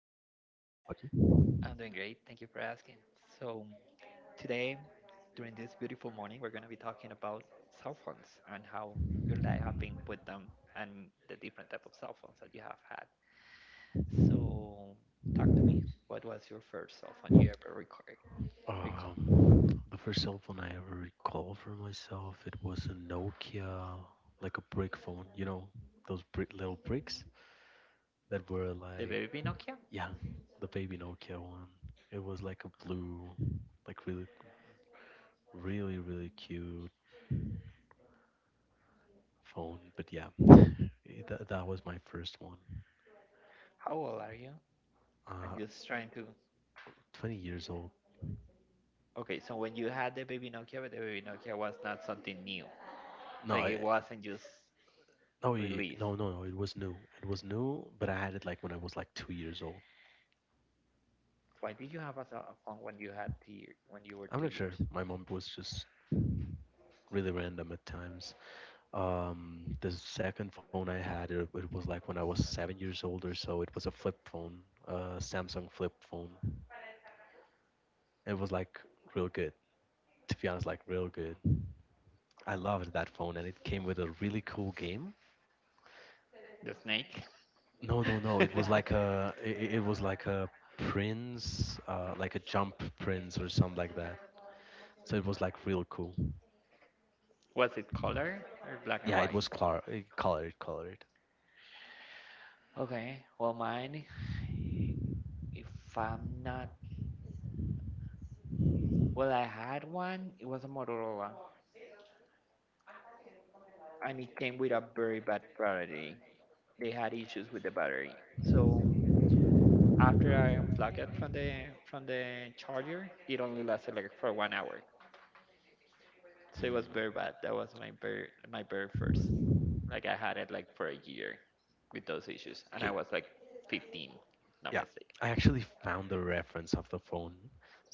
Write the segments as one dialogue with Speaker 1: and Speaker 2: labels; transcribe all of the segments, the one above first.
Speaker 1: I'm doing great. Thank you for asking. So, today, during this beautiful morning, we're going to be talking about cell phones and how your life have been with them and the different type of cell phones that you have had. So, talk to what was your first cell phone you ever recall?
Speaker 2: The first cell phone I ever recall for myself, it was a Nokia, like a brick phone. You know, those brick little bricks that were
Speaker 1: The
Speaker 2: like,
Speaker 1: baby Nokia?
Speaker 2: yeah, the baby Nokia one. It was like a blue, like really, really, really cute phone. But yeah, that was my first one.
Speaker 1: How old are you? I'm
Speaker 2: Uh,
Speaker 1: just trying to.
Speaker 2: 20 years old.
Speaker 1: Okay, so when you had the baby Nokia, but the baby Nokia was not something new.
Speaker 2: No,
Speaker 1: Like
Speaker 2: I,
Speaker 1: it wasn't just
Speaker 2: no, y-
Speaker 1: released.
Speaker 2: no, no, no. It was new. It was new, but I had it like when I was like 2 years old.
Speaker 1: Why did you have a cell phone when you were
Speaker 2: I'm
Speaker 1: two
Speaker 2: not sure.
Speaker 1: years?
Speaker 2: My mom was just really random at times. The second phone I had, it was like when I was 7 years old or so. It was a flip phone, a Samsung flip phone. It was like real good, to be honest, like real good. I loved that phone, and it came with a really cool game.
Speaker 1: The snake?
Speaker 2: No, no, no. It was like a, I- it, was like a Prince, like a Jump Prince or something like that. So it was like real cool.
Speaker 1: Was it color or black and
Speaker 2: Yeah, it
Speaker 1: white?
Speaker 2: was colored.
Speaker 1: Okay, well mine, if I'm not, well I had one, it was a Motorola and it came with a very bad battery. They had issues with the battery. So after I unplugged it from the charger, it only lasted like for 1 hour. So it was
Speaker 2: Mm,
Speaker 1: very bad. That was my very first. Like I had it like for a year with those issues, and I
Speaker 2: okay,
Speaker 1: was like 15, if not
Speaker 2: yeah, I actually found the reference of the phone.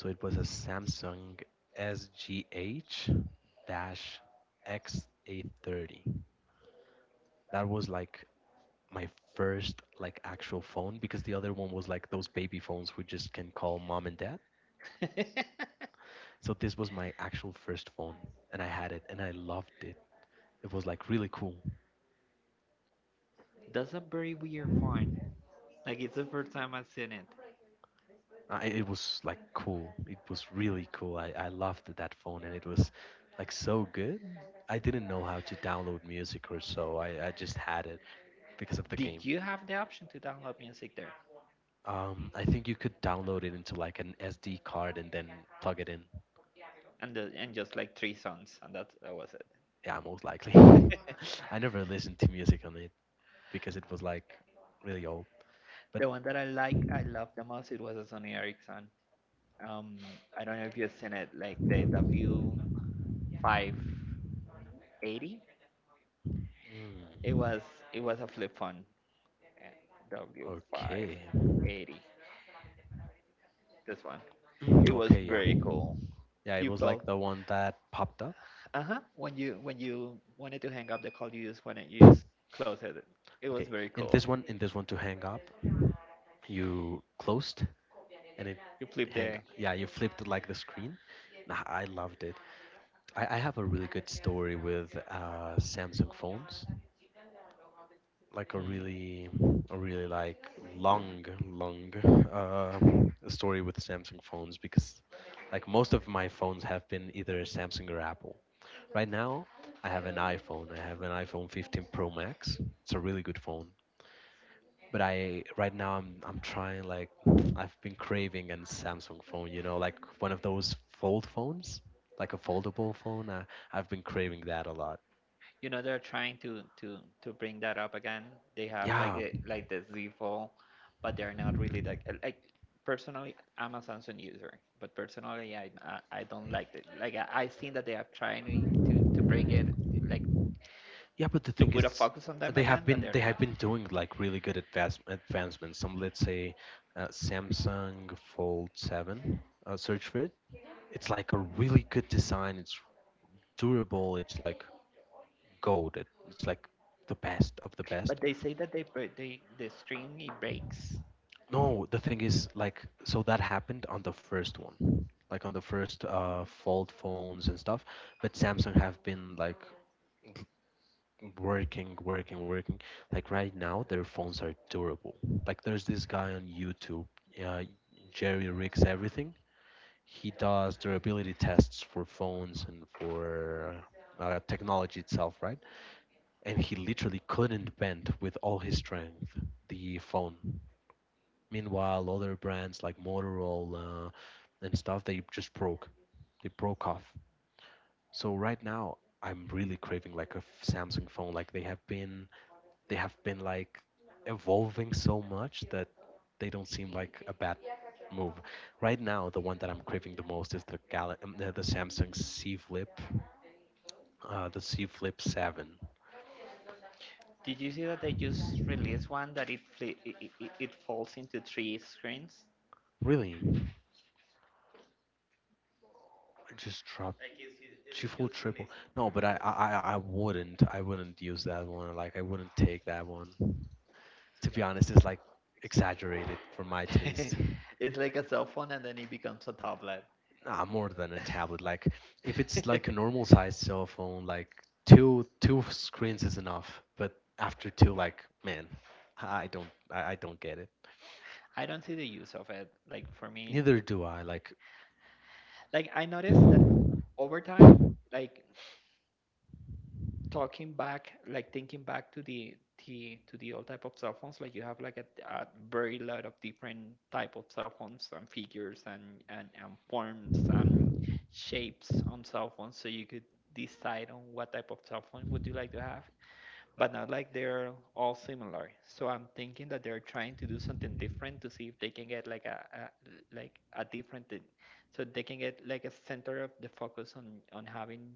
Speaker 2: So it was a Samsung SGH dash X830. That was like my first like actual phone because the other one was like those baby phones who just can call mom and dad.
Speaker 1: mistaken.
Speaker 2: So this was my actual first phone, and I had it and I loved it. It was like really cool.
Speaker 1: That's a very weird find. Like it's the first time I've seen it.
Speaker 2: It was like cool. It was really cool. I loved that phone, and it was like so good. I didn't know how to download music or so. I just had it because of the game.
Speaker 1: Did you have the option to download music there?
Speaker 2: I think you could download it into like an SD card and then plug it in.
Speaker 1: And just like three songs, and that was it.
Speaker 2: Yeah, most likely. I never listened to music on it because it was like really old. But
Speaker 1: The one that I like, I
Speaker 2: mm,
Speaker 1: love the most, it was a Sony Ericsson. Um, I don't know if you've seen it, like the W 580. It was it was a flip phone. eh, W five
Speaker 2: okay.
Speaker 1: eighty. This one.
Speaker 2: Mm,
Speaker 1: It was
Speaker 2: okay, yeah.
Speaker 1: very cool.
Speaker 2: Yeah, it
Speaker 1: You
Speaker 2: was like
Speaker 1: felt
Speaker 2: the one that popped up.
Speaker 1: uh huh. When you wanted to hang up the call, you just close it. It was
Speaker 2: Okay,
Speaker 1: very
Speaker 2: in
Speaker 1: cool.
Speaker 2: this one, in this one to hang up, you closed and it
Speaker 1: You flip
Speaker 2: hang
Speaker 1: there.
Speaker 2: up. Yeah, you flipped like the screen. Nah, I loved it. I have a really good story with Samsung phones. Like
Speaker 1: Hmm.
Speaker 2: a really like long, long uh, story with Samsung phones because like most of my phones have been either Samsung or Apple. Right now, I have an iPhone. I have an iPhone 15 Pro Max. It's a really good phone. But I right now I'm trying like I've been craving a Samsung phone, you know, like one of those fold phones, like a foldable phone. I've been craving that a lot.
Speaker 1: You know they're trying to bring that up again. They have
Speaker 2: Yeah,
Speaker 1: like the Z Fold, but they're not really like like. Personally, I'm a Samsung user, but personally, I don't like it. Like I seen that they are trying to bring it, like,
Speaker 2: yeah, but the
Speaker 1: to
Speaker 2: thing
Speaker 1: put a
Speaker 2: is,
Speaker 1: focus on them
Speaker 2: they have
Speaker 1: again, but
Speaker 2: been
Speaker 1: they're
Speaker 2: they have
Speaker 1: not.
Speaker 2: been doing like really good advancements. Some let's say Samsung Fold 7. Search for it. It's like a really good design. It's durable. It's like gold. It's like the best of the best.
Speaker 1: But they say that they break, the screen it breaks.
Speaker 2: No, the thing is, like, so that happened on the first one, like on the first fold phones and stuff. But Samsung have been like working, working, working. Like right now, their phones are durable. Like there's this guy on YouTube, uh, Jerry rigs everything. He does durability tests for phones and for technology itself, right? And he literally couldn't bend with all his strength the phone. Meanwhile, other brands like Motorola and stuff they just broke. They broke off. So right now, I'm really craving like a Samsung phone. Like they have been like evolving so much that they don't seem like a bad move. Right now, the one that I'm craving the most is the the Samsung C Flip, the C Flip 7.
Speaker 1: Did you see that they just released one that it fli it, it, it falls into three screens?
Speaker 2: Really, I just drop.
Speaker 1: Like it's ju-
Speaker 2: Two
Speaker 1: it's
Speaker 2: full
Speaker 1: just
Speaker 2: triple.
Speaker 1: releasing.
Speaker 2: No,
Speaker 1: They're
Speaker 2: but I, I
Speaker 1: just.
Speaker 2: I I wouldn't. I wouldn't use that one. Like I wouldn't take that one. To be honest, it's like exaggerated for my taste.
Speaker 1: It's like a cell phone and then it becomes a tablet.
Speaker 2: Nah, more than a tablet. Like if it's like a normal sized cell phone, like two screens is enough. But after two, like man, I don't get it.
Speaker 1: I don't see the use of it. Like for me,
Speaker 2: Neither do I. Like
Speaker 1: like I noticed that, over time, like, talking back like thinking back to the old type of cell phones, like, you have like a very lot of different type of cell phones, and figures, and forms and shapes on cell phones, so you could decide on what type of cell phone would you like to have, but not, like, they're all similar. So I'm thinking that they're trying to do something different to see if they can get like a like a different thing. So they can get like a center of the focus on having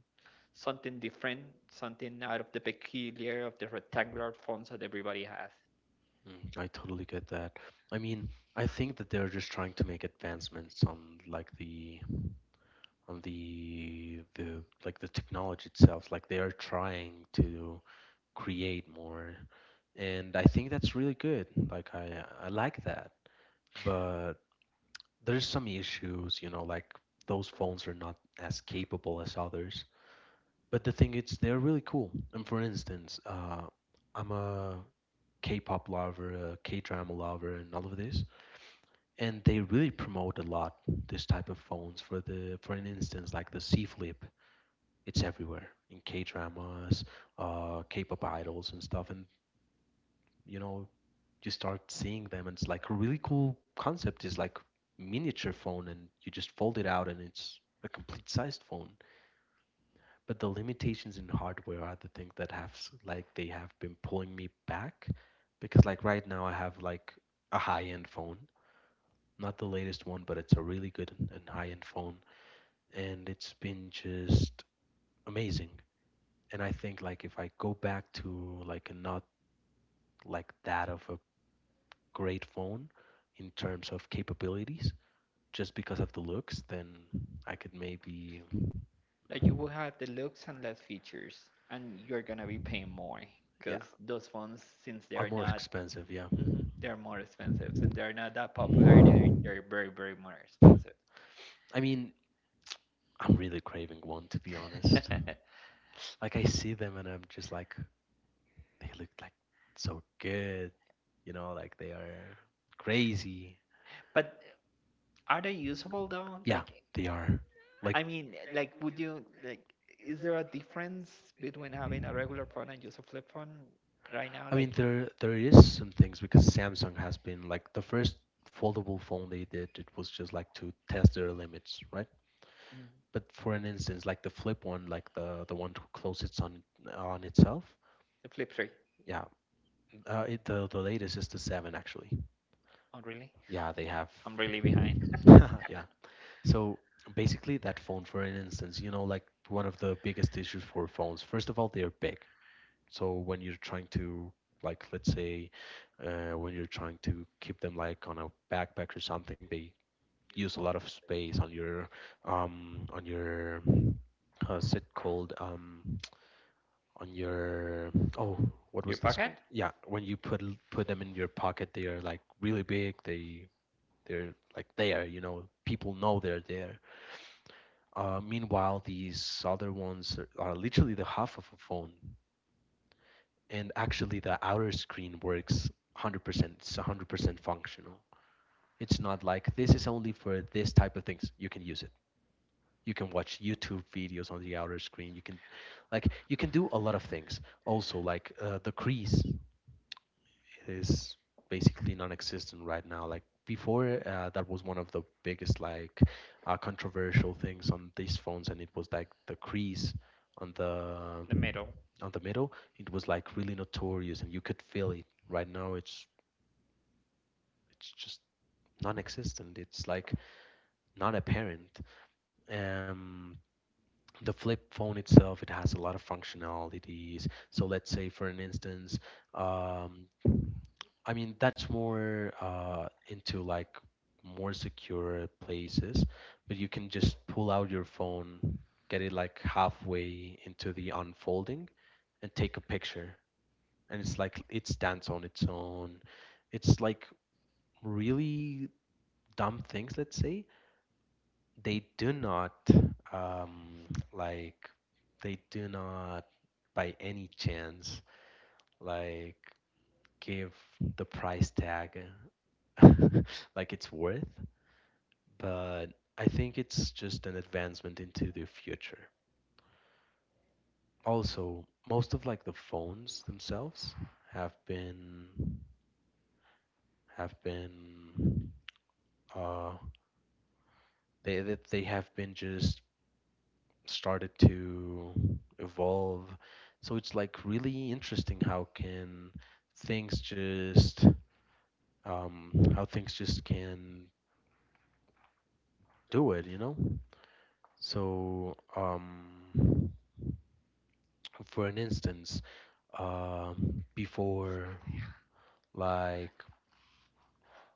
Speaker 1: something different, something out of the peculiar of the rectangular forms that everybody has.
Speaker 2: Mm, I totally get that. I mean, I think that they're just trying to make advancements on like the on the like the technology itself. Like they are trying to create more, and I think that's really good. Like I like that, but there's some issues, you know, like those phones are not as capable as others. But the thing is, they're really cool. And for instance, I'm a K-pop lover, a K-drama lover, and all of this, and they really promote a lot this type of phones for the for an instance like the C Flip. It's everywhere in K dramas, K-pop idols and stuff. And you know, you start seeing them and it's like a really cool concept. Is like miniature phone and you just fold it out and it's a complete sized phone, but the limitations in hardware are the thing that like they have been pulling me back, because like right now I have like a high end phone. Not the latest one, but it's a really good and high-end phone, and it's been just amazing. And I think like if I go back to like a not like that of a great phone in terms of capabilities, just because of the looks, then I could maybe
Speaker 1: Like you will have the looks and less features, and you're gonna be paying more
Speaker 2: yeah,
Speaker 1: because those phones, since they
Speaker 2: are
Speaker 1: are
Speaker 2: more
Speaker 1: not,
Speaker 2: expensive, yeah.
Speaker 1: Mhm, they are more expensive. Since they are not that popular, they're very very more expensive.
Speaker 2: I mean, I'm really craving one to be honest. Like I see them and I'm just like they look like so good, you know, like they are crazy.
Speaker 1: But are they usable though?
Speaker 2: Yeah,
Speaker 1: Like,
Speaker 2: they are.
Speaker 1: I
Speaker 2: Like
Speaker 1: mean, like, would you like? Is there a difference between having a regular phone and just a flip phone right now?
Speaker 2: I
Speaker 1: Like,
Speaker 2: mean there there is some things because Samsung has been like the first foldable phone they did, it was just like to test their limits, right?
Speaker 1: Mm.
Speaker 2: But for an instance, like the flip one, like the one to close its on itself,
Speaker 1: The flip three.
Speaker 2: yeah. The latest is the seven actually.
Speaker 1: Oh, really?
Speaker 2: Yeah, they have.
Speaker 1: I'm really behind.
Speaker 2: Yeah. So basically, that phone, for an instance, you know, like one of the biggest issues for phones, first of all, they are big. So when you're trying to, like, let's say, when you're trying to keep them like on a backpack or something, they use a lot of space on your, how's it called, on your, oh, what
Speaker 1: Your
Speaker 2: was this
Speaker 1: pocket?
Speaker 2: called? Yeah, when you put them in your pocket, they are like really big. They they're like there, you know, people know they're there. Meanwhile, these other ones are literally the half of a phone, and actually the outer screen works 100%. It's 100% functional. It's not like this is only for this type of things. You can use it. You can watch YouTube videos on the outer screen. You can, like, you can do a lot of things. Also, like the crease is basically non-existent right now. Like before, that was one of the biggest like controversial things on these phones, and it was like the crease on
Speaker 1: The
Speaker 2: the
Speaker 1: middle.
Speaker 2: on the middle. It was like really notorious, and you could feel it. Right now, it's just non-existent. It's like not apparent. Um, the flip phone itself, it has a lot of functionalities. So let's say, for an instance, um, I mean, that's more into like more secure places, but you can just pull out your phone, get it like halfway into the unfolding, and take a picture. And it's like it stands on its own. It's like really dumb things, let's say. They do not, um, like, they do not by any chance, like, give the price tag like it's worth, but I think it's just an advancement into the future. Also, most of like the phones themselves have been have been uh they have been just started to evolve. So it's like really interesting how can things just how things just can do it, you know? So, for an instance, before, like,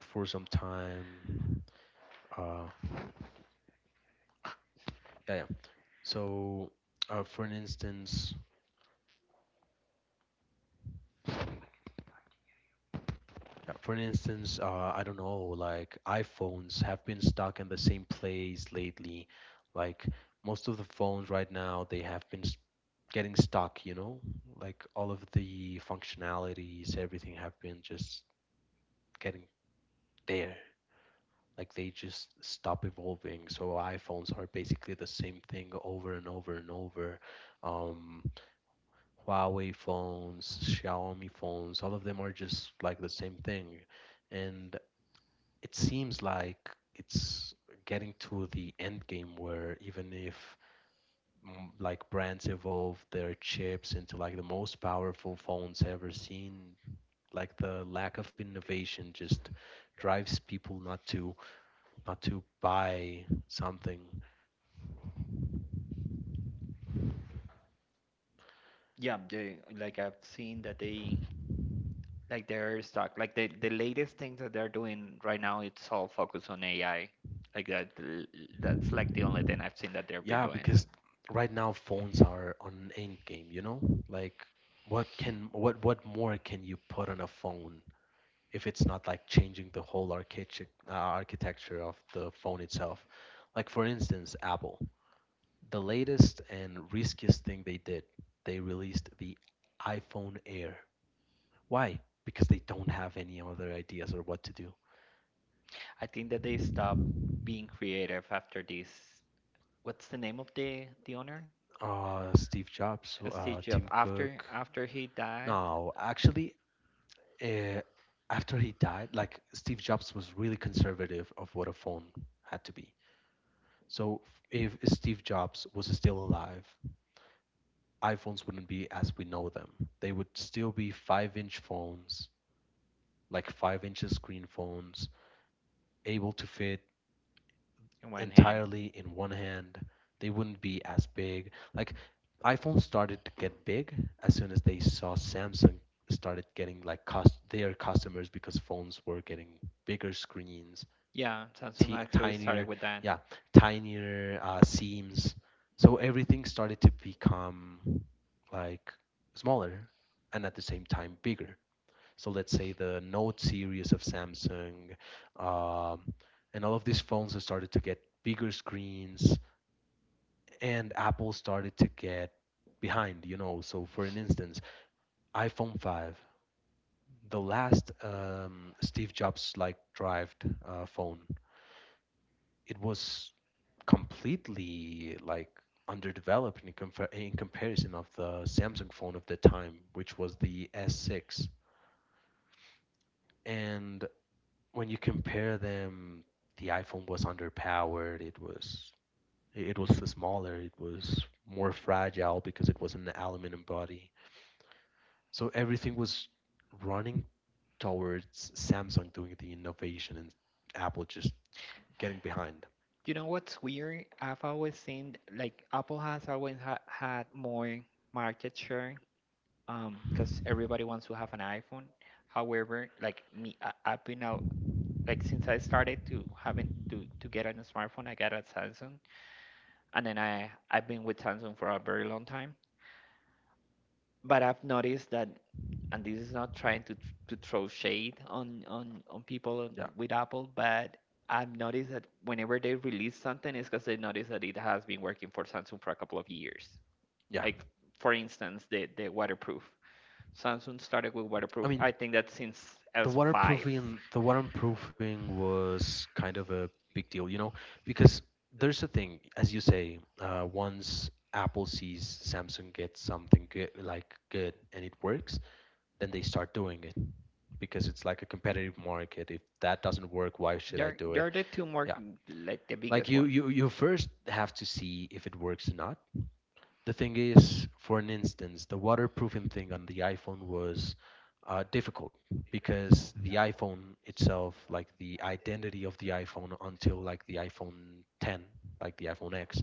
Speaker 2: for some time, uh, yeah. So, for an instance, yeah, for an instance, I don't know, like, iPhones have been stuck in the same place lately. Like, most of the phones right now, they have been getting stuck, you know? Like, all of the functionalities, everything have been just getting there like they just stop evolving. So iPhones are basically the same thing over and over and over. Um, Huawei phones, Xiaomi phones, all of them are just like the same thing. And it seems like it's getting to the end game where even if like brands evolve their chips into like the most powerful phones ever seen, like the lack of innovation just drives people not to buy something.
Speaker 1: Yeah, they, like, I've seen that they. Like they're stuck. Like the latest thing that they're doing right now, it's all focused on AI. Like that's like the only thing I've seen that they've been
Speaker 2: Yeah,
Speaker 1: doing.
Speaker 2: because right now phones are on an end game, you know? Like what more can you put on a phone if it's not like changing the whole architecture architecture of the phone itself? Like for instance, Apple. The latest and riskiest thing they did, they released the iPhone Air. Why? Because they don't have any other ideas or what to do.
Speaker 1: I think that they stopped being creative after this. What's the name of the owner?
Speaker 2: Steve Jobs,
Speaker 1: Steve Jobs.
Speaker 2: Tim
Speaker 1: After
Speaker 2: Cook.
Speaker 1: after he died,
Speaker 2: No, actually, uh, after he died, like Steve Jobs was really conservative of what a phone had to be. So if Steve Jobs was still alive, iPhones wouldn't be as we know them. They would still be five-inch phones, like five-inch screen phones, able to fit
Speaker 1: it went hand.
Speaker 2: entirely in one hand. They wouldn't be as big. Like iPhone started to get big as soon as they saw Samsung started getting like cost their customers because phones were getting bigger screens,
Speaker 1: Yeah, Samsung
Speaker 2: t-
Speaker 1: actually started
Speaker 2: tinier,
Speaker 1: with that.
Speaker 2: yeah, tinier seams. So everything started to become like smaller and at the same time bigger. So let's say the Note series of Samsung, um, and all of these phones have started to get bigger screens, and Apple started to get behind. You know, so for an instance, iPhone 5, the last Steve Jobs like drived phone, it was completely like underdeveloped in comparison of the Samsung phone of the time, which was the S6. And when you compare them, the iPhone was underpowered. It was smaller. It was more fragile because it was an aluminum body. So everything was running towards Samsung doing the innovation and Apple just getting behind.
Speaker 1: You know what's weird? I've always seen like Apple has always had more market share, because everybody wants to have an iPhone. However, like me, I've been out, like, since I started to having to get on a new smartphone. I got a Samsung, and then I've been with Samsung for a very long time. But I've noticed that, and this is not trying to throw shade on people with Apple, but I've noticed that whenever they release something, it's because they notice that it has been working for Samsung for a couple of years.
Speaker 2: Yeah,
Speaker 1: Like, for instance, the waterproof. Samsung started with
Speaker 2: yeah, I
Speaker 1: waterproof.
Speaker 2: mean,
Speaker 1: I think that since
Speaker 2: the
Speaker 1: S5.
Speaker 2: waterproofing the waterproofing was kind of a big deal, you know, because there's a thing, as you say, once Apple sees Samsung gets something good, like good, and it works, then they start doing it because it's like a competitive market. If that doesn't work, why should I
Speaker 1: They're
Speaker 2: do it?
Speaker 1: they're the two more,
Speaker 2: Yeah,
Speaker 1: like, the
Speaker 2: like
Speaker 1: biggest
Speaker 2: you
Speaker 1: one.
Speaker 2: you you first have to see if it works or not. The thing is, for an instance, the waterproofing thing on the iPhone was difficult because the iPhone itself, like the identity of the iPhone until like the iPhone 10, like the iPhone X,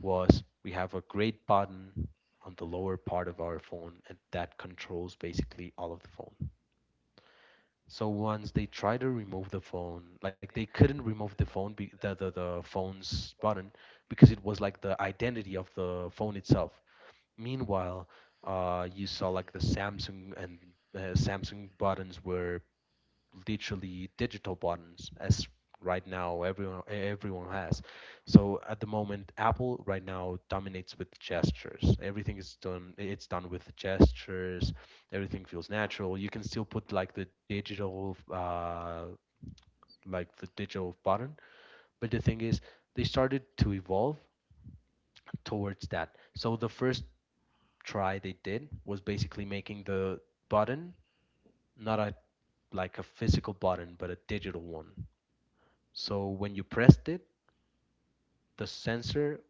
Speaker 2: was we have a great button on the lower part of our phone and that controls basically all of the phone. So once they tried to remove the phone, like they couldn't remove the phone, be, the phone's button because it was like the identity of the phone itself. Meanwhile, you saw like the Samsung and Samsung buttons were literally digital buttons, as right now everyone has. So at the moment, Apple right now dominates with gestures. Everything is done. It's done with gestures. Everything feels natural. You can still put like the digital button, but the thing is, they started to evolve towards that. So the first try they did was basically making the button not a like a physical button but a digital one. So when you pressed it, the sensor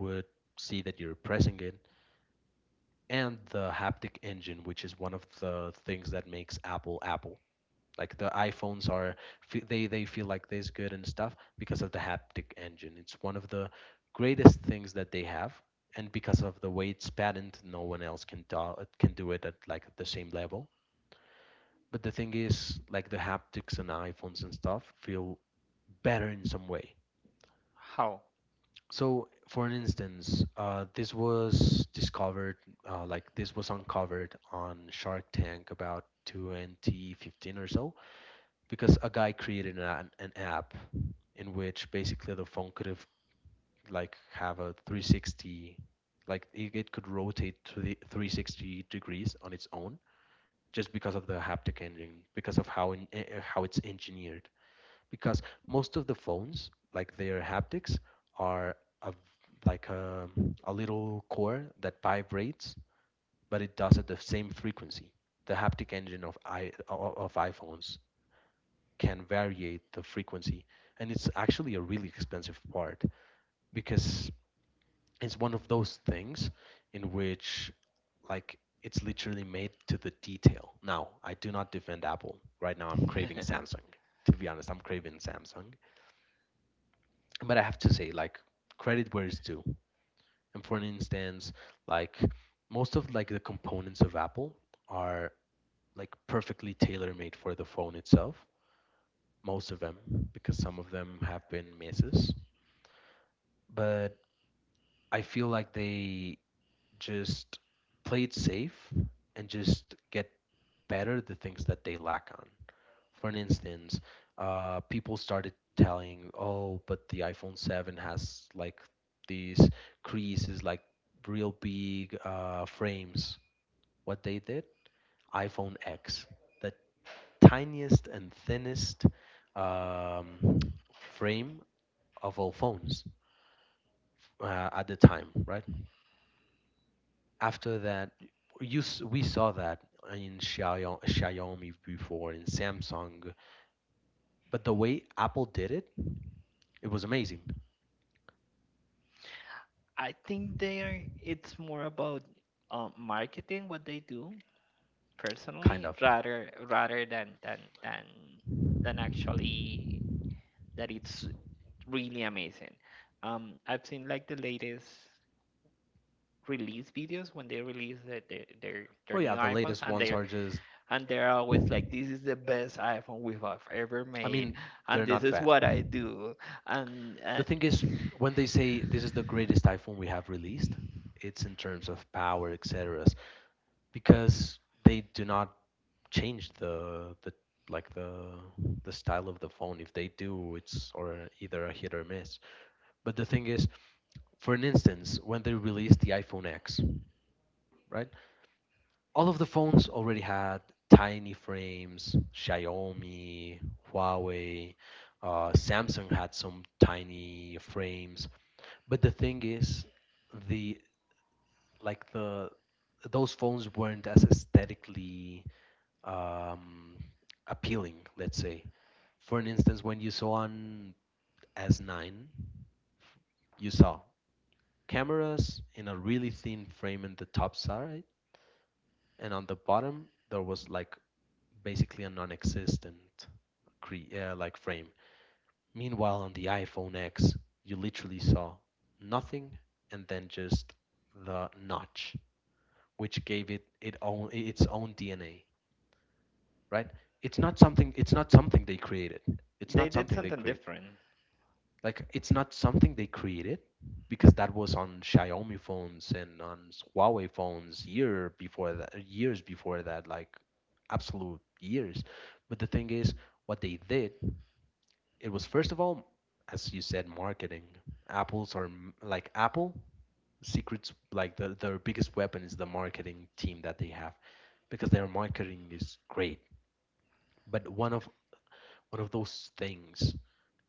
Speaker 2: would see that you're pressing it and the haptic engine which is one of the things that makes Apple Apple. Like the iPhones are they feel like this good and stuff because of the haptic engine. It's one of the greatest things that they have and because of the way it's patented no one else can do it at like the same level. But the thing is, like the haptics and iPhones and stuff feel better in some way.
Speaker 1: How?
Speaker 2: So, for an instance, this was discovered, like this was uncovered on Shark Tank about 2015 or so, because a guy created an app in which basically the phone could have like have a 360, like it could rotate to the 360 degrees on its own just because of the haptic engine, because of how how it's engineered. Because most of the phones, like their haptics, are a, like a, a little core that vibrates, but it does at the same frequency. The haptic engine of I of iPhones can variate the frequency, and it's actually a really expensive part because it's one of those things in which like it's literally made to the detail. Now, I do not defend Apple. Right now, I'm craving Samsung. To be honest, I'm craving Samsung. But I have to say, like, credit where it's due. And for an instance, like most of like the components of Apple are like perfectly tailor-made for the phone itself. Most of them, because some of them have been misses. But I feel like they just play it safe and just get better at the things that they lack on. For an instance, people started telling, "Oh, but the iPhone 7 has like these creases, like real big frames." What they did? iPhone X, the tiniest and thinnest um, frame of all phones at the time, right? After that, we saw that in Xiaomi before, in Samsung, but the way Apple did it, it was amazing.
Speaker 1: I think they are. It's more about, marketing what they do,
Speaker 2: Kind
Speaker 1: personally,
Speaker 2: of.
Speaker 1: rather than actually that it's really amazing. I've seen like the latest release videos when they release the, the, their
Speaker 2: Oh
Speaker 1: their
Speaker 2: yeah,
Speaker 1: new
Speaker 2: the
Speaker 1: iphones,
Speaker 2: latest
Speaker 1: and
Speaker 2: ones
Speaker 1: they're
Speaker 2: are just.
Speaker 1: and they're always like, "This is the best iphone we have ever
Speaker 2: I
Speaker 1: made,
Speaker 2: mean,
Speaker 1: and
Speaker 2: they're
Speaker 1: this
Speaker 2: not
Speaker 1: is
Speaker 2: bad.
Speaker 1: what I do," and
Speaker 2: The
Speaker 1: uh,
Speaker 2: thing is, when they say this is the greatest iPhone we have released, it's in terms of power, etc. Because they do not change the like the style of the phone. If they do, it's or either a hit or miss. But the thing is, for an instance, when they released the iPhone X, right? All of the phones already had tiny frames. Xiaomi, Huawei, Samsung had some tiny frames. But the thing is, the like the those phones weren't as aesthetically um, appealing. Let's say, for an instance, when you saw on S9, you saw cameras in a really thin frame in the top side, and on the bottom there was like basically a non-existent like frame. Meanwhile, on the iPhone X, you literally saw nothing and then just the notch, which gave it own its own DNA, right? It's not something. It's not something they created. It's
Speaker 1: they
Speaker 2: not
Speaker 1: did
Speaker 2: something they
Speaker 1: something
Speaker 2: created.
Speaker 1: different.
Speaker 2: Like it's not something they created because that was on Xiaomi phones and on Huawei phones year before that, years before that, like absolute years. But the thing is, what they did. It was first of all, as you said, marketing. Apples are like Apple secrets. Like their biggest weapon is the marketing team that they have, because their marketing is great. But one of those things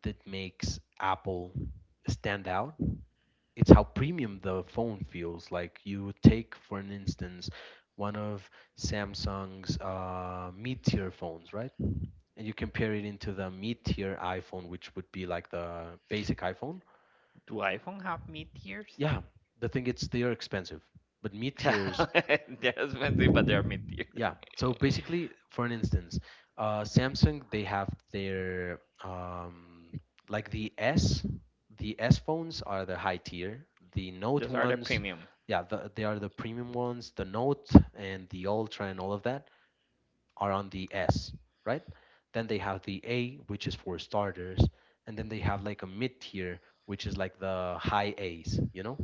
Speaker 2: that makes Apple stand out. It's how premium the phone feels. Like you take, for an instance, one of Samsung's mid-tier phones, right? And you compare it into the mid-tier iPhone, which would be like the basic iPhone.
Speaker 1: Do iphone have mid tiers?
Speaker 2: Yeah, the thing is they are expensive, but meat tiers.
Speaker 1: They're expensive, but they're mid tier.
Speaker 2: Yeah. So basically, for an instance, Samsung they have their like the S phones are the high tier. The Note
Speaker 1: Those are the
Speaker 2: ones,
Speaker 1: premium.
Speaker 2: yeah, they are the premium ones. The Note and the Ultra and all of that are on the S, right? Then they have the A, which is for starters, and then they have like a mid tier, which is like the high A's, you know?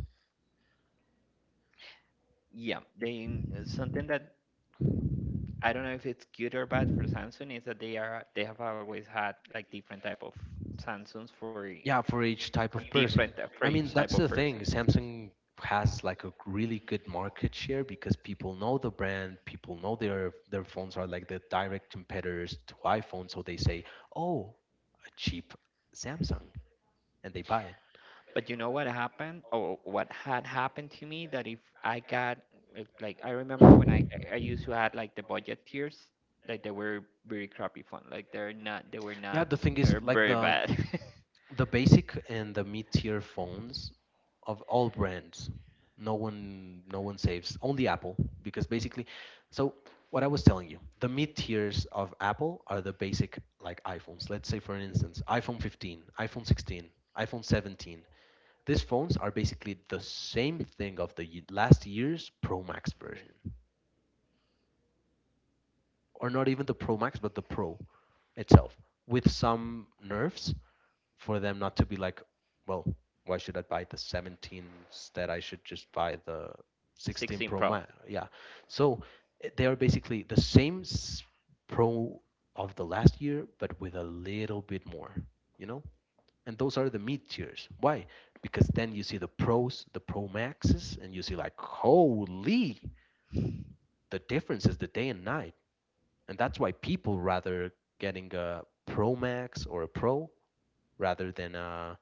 Speaker 1: Yeah, they something that I don't know if it's good or bad for Samsung is that they have always had like different type of Samsungs for e-
Speaker 2: Yeah, for each
Speaker 1: for
Speaker 2: type of
Speaker 1: different
Speaker 2: person.
Speaker 1: for
Speaker 2: I
Speaker 1: each
Speaker 2: mean,
Speaker 1: type
Speaker 2: that's
Speaker 1: of
Speaker 2: the
Speaker 1: person.
Speaker 2: thing. Samsung has like a really good market share because people know the brand, people know their phones are like the direct competitors to iPhone, so they say, "Oh, a cheap Samsung," and they buy it.
Speaker 1: But you know what happened, or what had happened to me, that if I got like I remember when I used to had like the budget tiers, like, they were very crappy phone. Like, they're not, they were
Speaker 2: Yeah,
Speaker 1: not,
Speaker 2: the thing
Speaker 1: they
Speaker 2: is
Speaker 1: were
Speaker 2: like
Speaker 1: very
Speaker 2: the
Speaker 1: bad.
Speaker 2: the basic and the mid-tier phones of all brands no one saves only Apple because basically so what I was telling you the mid-tiers of Apple are the basic like iPhones let's say for instance iPhone 15 iPhone 16 iPhone 17 these phones are basically the same thing of the last year's Pro Max version or not even the Pro Max but the Pro itself with some nerfs for them not to be like, well, why should I buy the 17 instead? I should just buy the
Speaker 1: The
Speaker 2: 16
Speaker 1: 16
Speaker 2: Pro
Speaker 1: Pro.
Speaker 2: Max. Yeah. So they are basically the same Pro of the last year, but with a little bit more, you know? And those are the mid tiers. Why? Because then you see the Pros, the Pro Maxes, and you see like, holy, the difference is the day and night. And that's why people rather getting a Pro Max or a Pro rather than a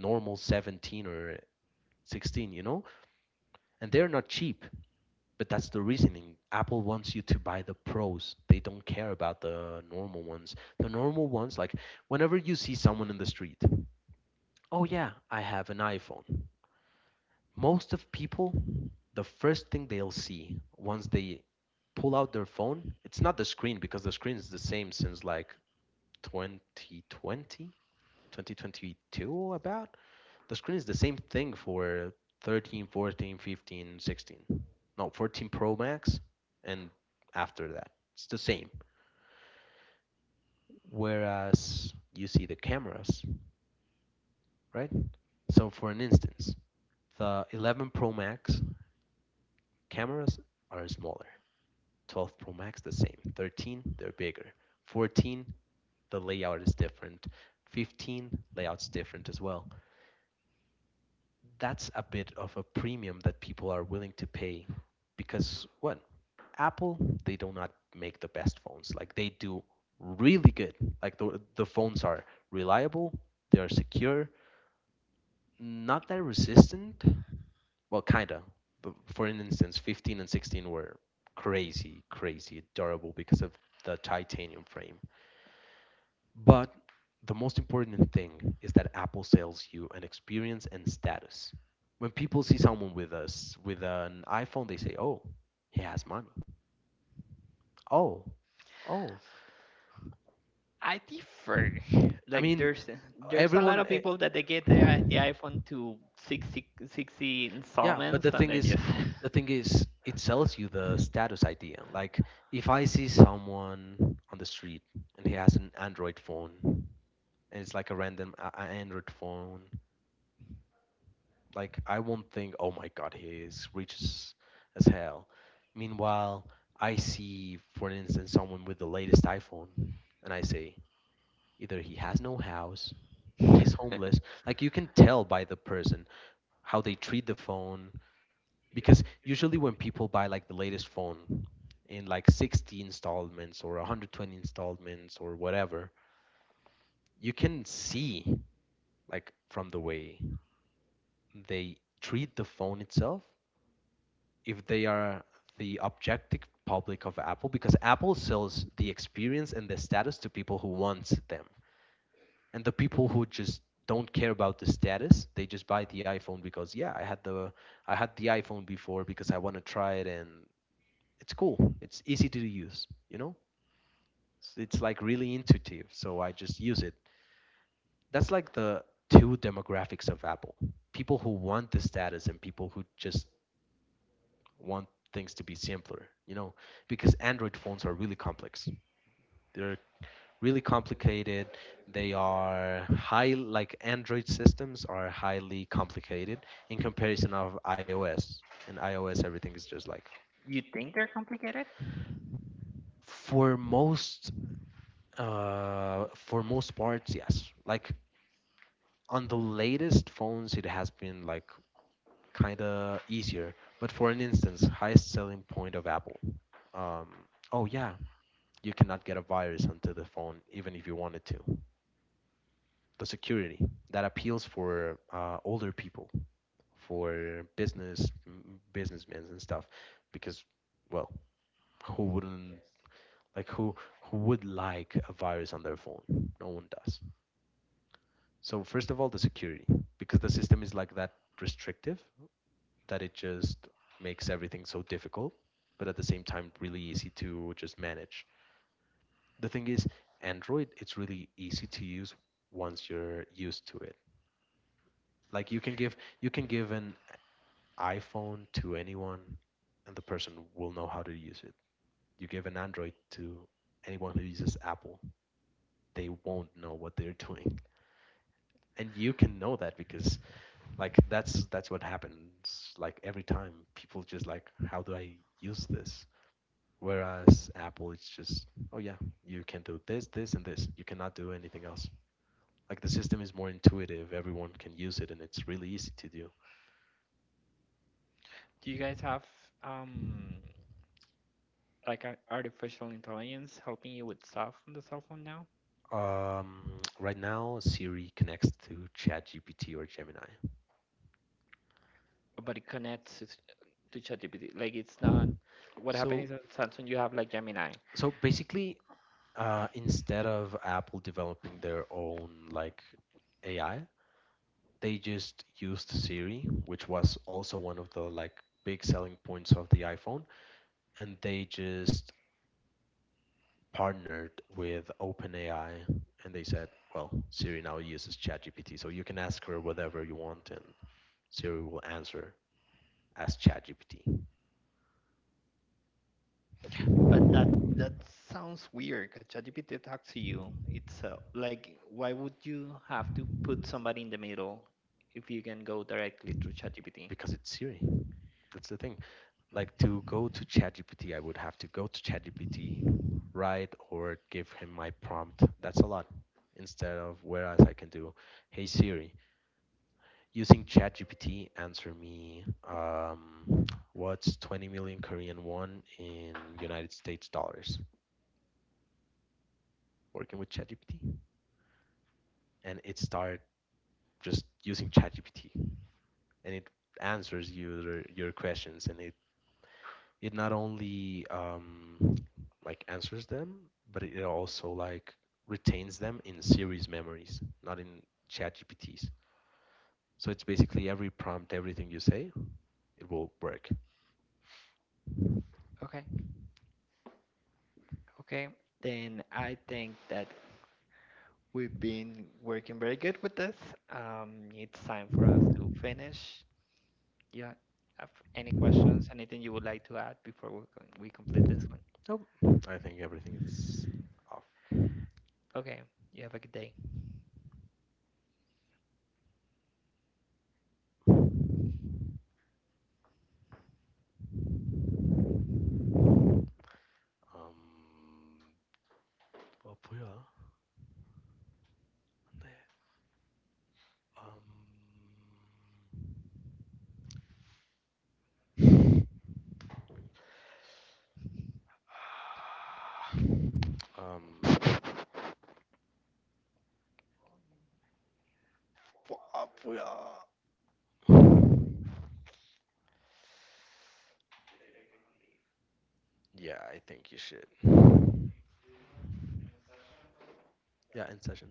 Speaker 2: normal 17 or 16, you know? And they're not cheap, but that's the reasoning. Apple wants you to buy the pros. They don't care about the normal ones. The normal ones, like whenever you see someone in the street, oh yeah, I have an iPhone. Most of people, the first thing they'll see once they pull out their phone, it's not the screen because the screen is the same since like 2020, 2022 about. The screen is the same thing for 13, 14, 15, 16. No, 14 Pro Max and after that, it's the same. Whereas you see the cameras, right? So for an instance, the 11 Pro Max cameras are smaller. 12 Pro Max the same. 13 they're bigger. 14 the layout is different. 15 layout's different as well. That's a bit of a premium that people are willing to pay because what Apple, they do not make the best phones, like they do really good. Like the phones are reliable, they are secure, not that resistant, well kinda. But for an instance, 15 and 16 were crazy durable because of the titanium frame. But the most important thing is that Apple sells you an experience and status. When people see someone with us with an iPhone, they say, "Oh, he has money." Oh, oh.
Speaker 1: I differ.
Speaker 2: I
Speaker 1: Like
Speaker 2: mean,
Speaker 1: there's a lot
Speaker 2: Everyone.
Speaker 1: of people that they get the iPhone to 60
Speaker 2: Yeah, but
Speaker 1: installments and then just.
Speaker 2: the thing is, it sells you the status idea. Like, if I see someone on the street and he has an Android phone, and it's like a random Android phone, like I won't think, oh my God, he is rich as hell. Meanwhile, I see, for instance, someone with the latest iPhone, and I say, either he has no house, he is homeless. Like you can tell by the person how they treat the phone, because usually when people buy like the latest phone in like 60 installments or 120 installments or whatever, you can see like from the way they treat the phone itself if they are the objective public of Apple, because Apple sells the experience and the status to people who want them. And the people who just don't care about the status, they just buy the iPhone because, yeah, I had the iPhone before because I want to try it and it's cool. It's easy to use, you know? It's like really intuitive, so I just use it. That's like the two demographics of Apple. People who want the status and people who just want things to be simpler, you know, because Android phones are really complex. They're really complicated. They are high, like Android systems are highly complicated in comparison of iOS. In iOS, everything is just like
Speaker 1: You think they're complicated?
Speaker 2: for most, for most parts, yes. Like on the latest phones, it has been like kind of easier. But for an instance, highest selling point of Apple. Um, oh yeah, you cannot get a virus onto the phone even if you wanted to. The security that appeals for older people, for business businessmen and stuff, because, well, who wouldn't, like who would like a virus on their phone? No one does. So first of all, the security, because the system is like that restrictive that it just makes everything so difficult, but at the same time really easy to just manage. The thing is, Android, it's really easy to use once you're used to it. Like you can give an iPhone to anyone and the person will know how to use it. You give an Android to anyone who uses Apple, they won't know what they're doing. And you can know that because like that's what happens. Like every time people just like, how do I use this, whereas Apple it's just, oh yeah, you can do this, this, and this, you cannot do anything else. Like the system is more intuitive, everyone can use it, and it's really easy to do.
Speaker 1: Do you guys have, um like, a artificial intelligence helping you with stuff on the cell phone now?
Speaker 2: Right now, Siri connects to ChatGPT or Gemini.
Speaker 1: But it connects it to ChatGPT. Like, it's not, what happened
Speaker 2: So,
Speaker 1: is that Samsung you have like Gemini.
Speaker 2: so basically, instead of Apple developing their own like AI, they just used Siri, which was also one of the like big selling points of the iPhone, and they just partnered with OpenAI, and they said, "Well, Siri now uses ChatGPT, so you can ask her whatever you want, and Siri will answer, as ChatGPT."
Speaker 1: But that sounds weird, 'cause ChatGPT talks to you itself. Like, why would you have to put somebody in the middle if you can go directly through ChatGPT?
Speaker 2: Because it's Siri. That's the thing. Like to go to ChatGPT, I would have to go to ChatGPT, write or give him my prompt. That's a lot. Instead of whereas I can do, hey Siri, using ChatGPT, answer me, what's 20 million Korean won in United States dollars? Working with ChatGPT, and it started just using ChatGPT, and it answers your questions, and it not only like answers them, but it also like retains them in series memories, not in chat gpts so it's basically every prompt, everything you say, it will work.
Speaker 1: Okay, okay. Then I think that we've been working very good with this. It's time for us to finish. Yeah. Have any questions? Anything you would like to add before we complete this one?
Speaker 2: Oh, I think everything is off.
Speaker 1: Okay. You have a good day.
Speaker 2: um oh, 뭐야? 네, um, um, 아, 뭐야? Yeah, I think you should. Yeah, in session.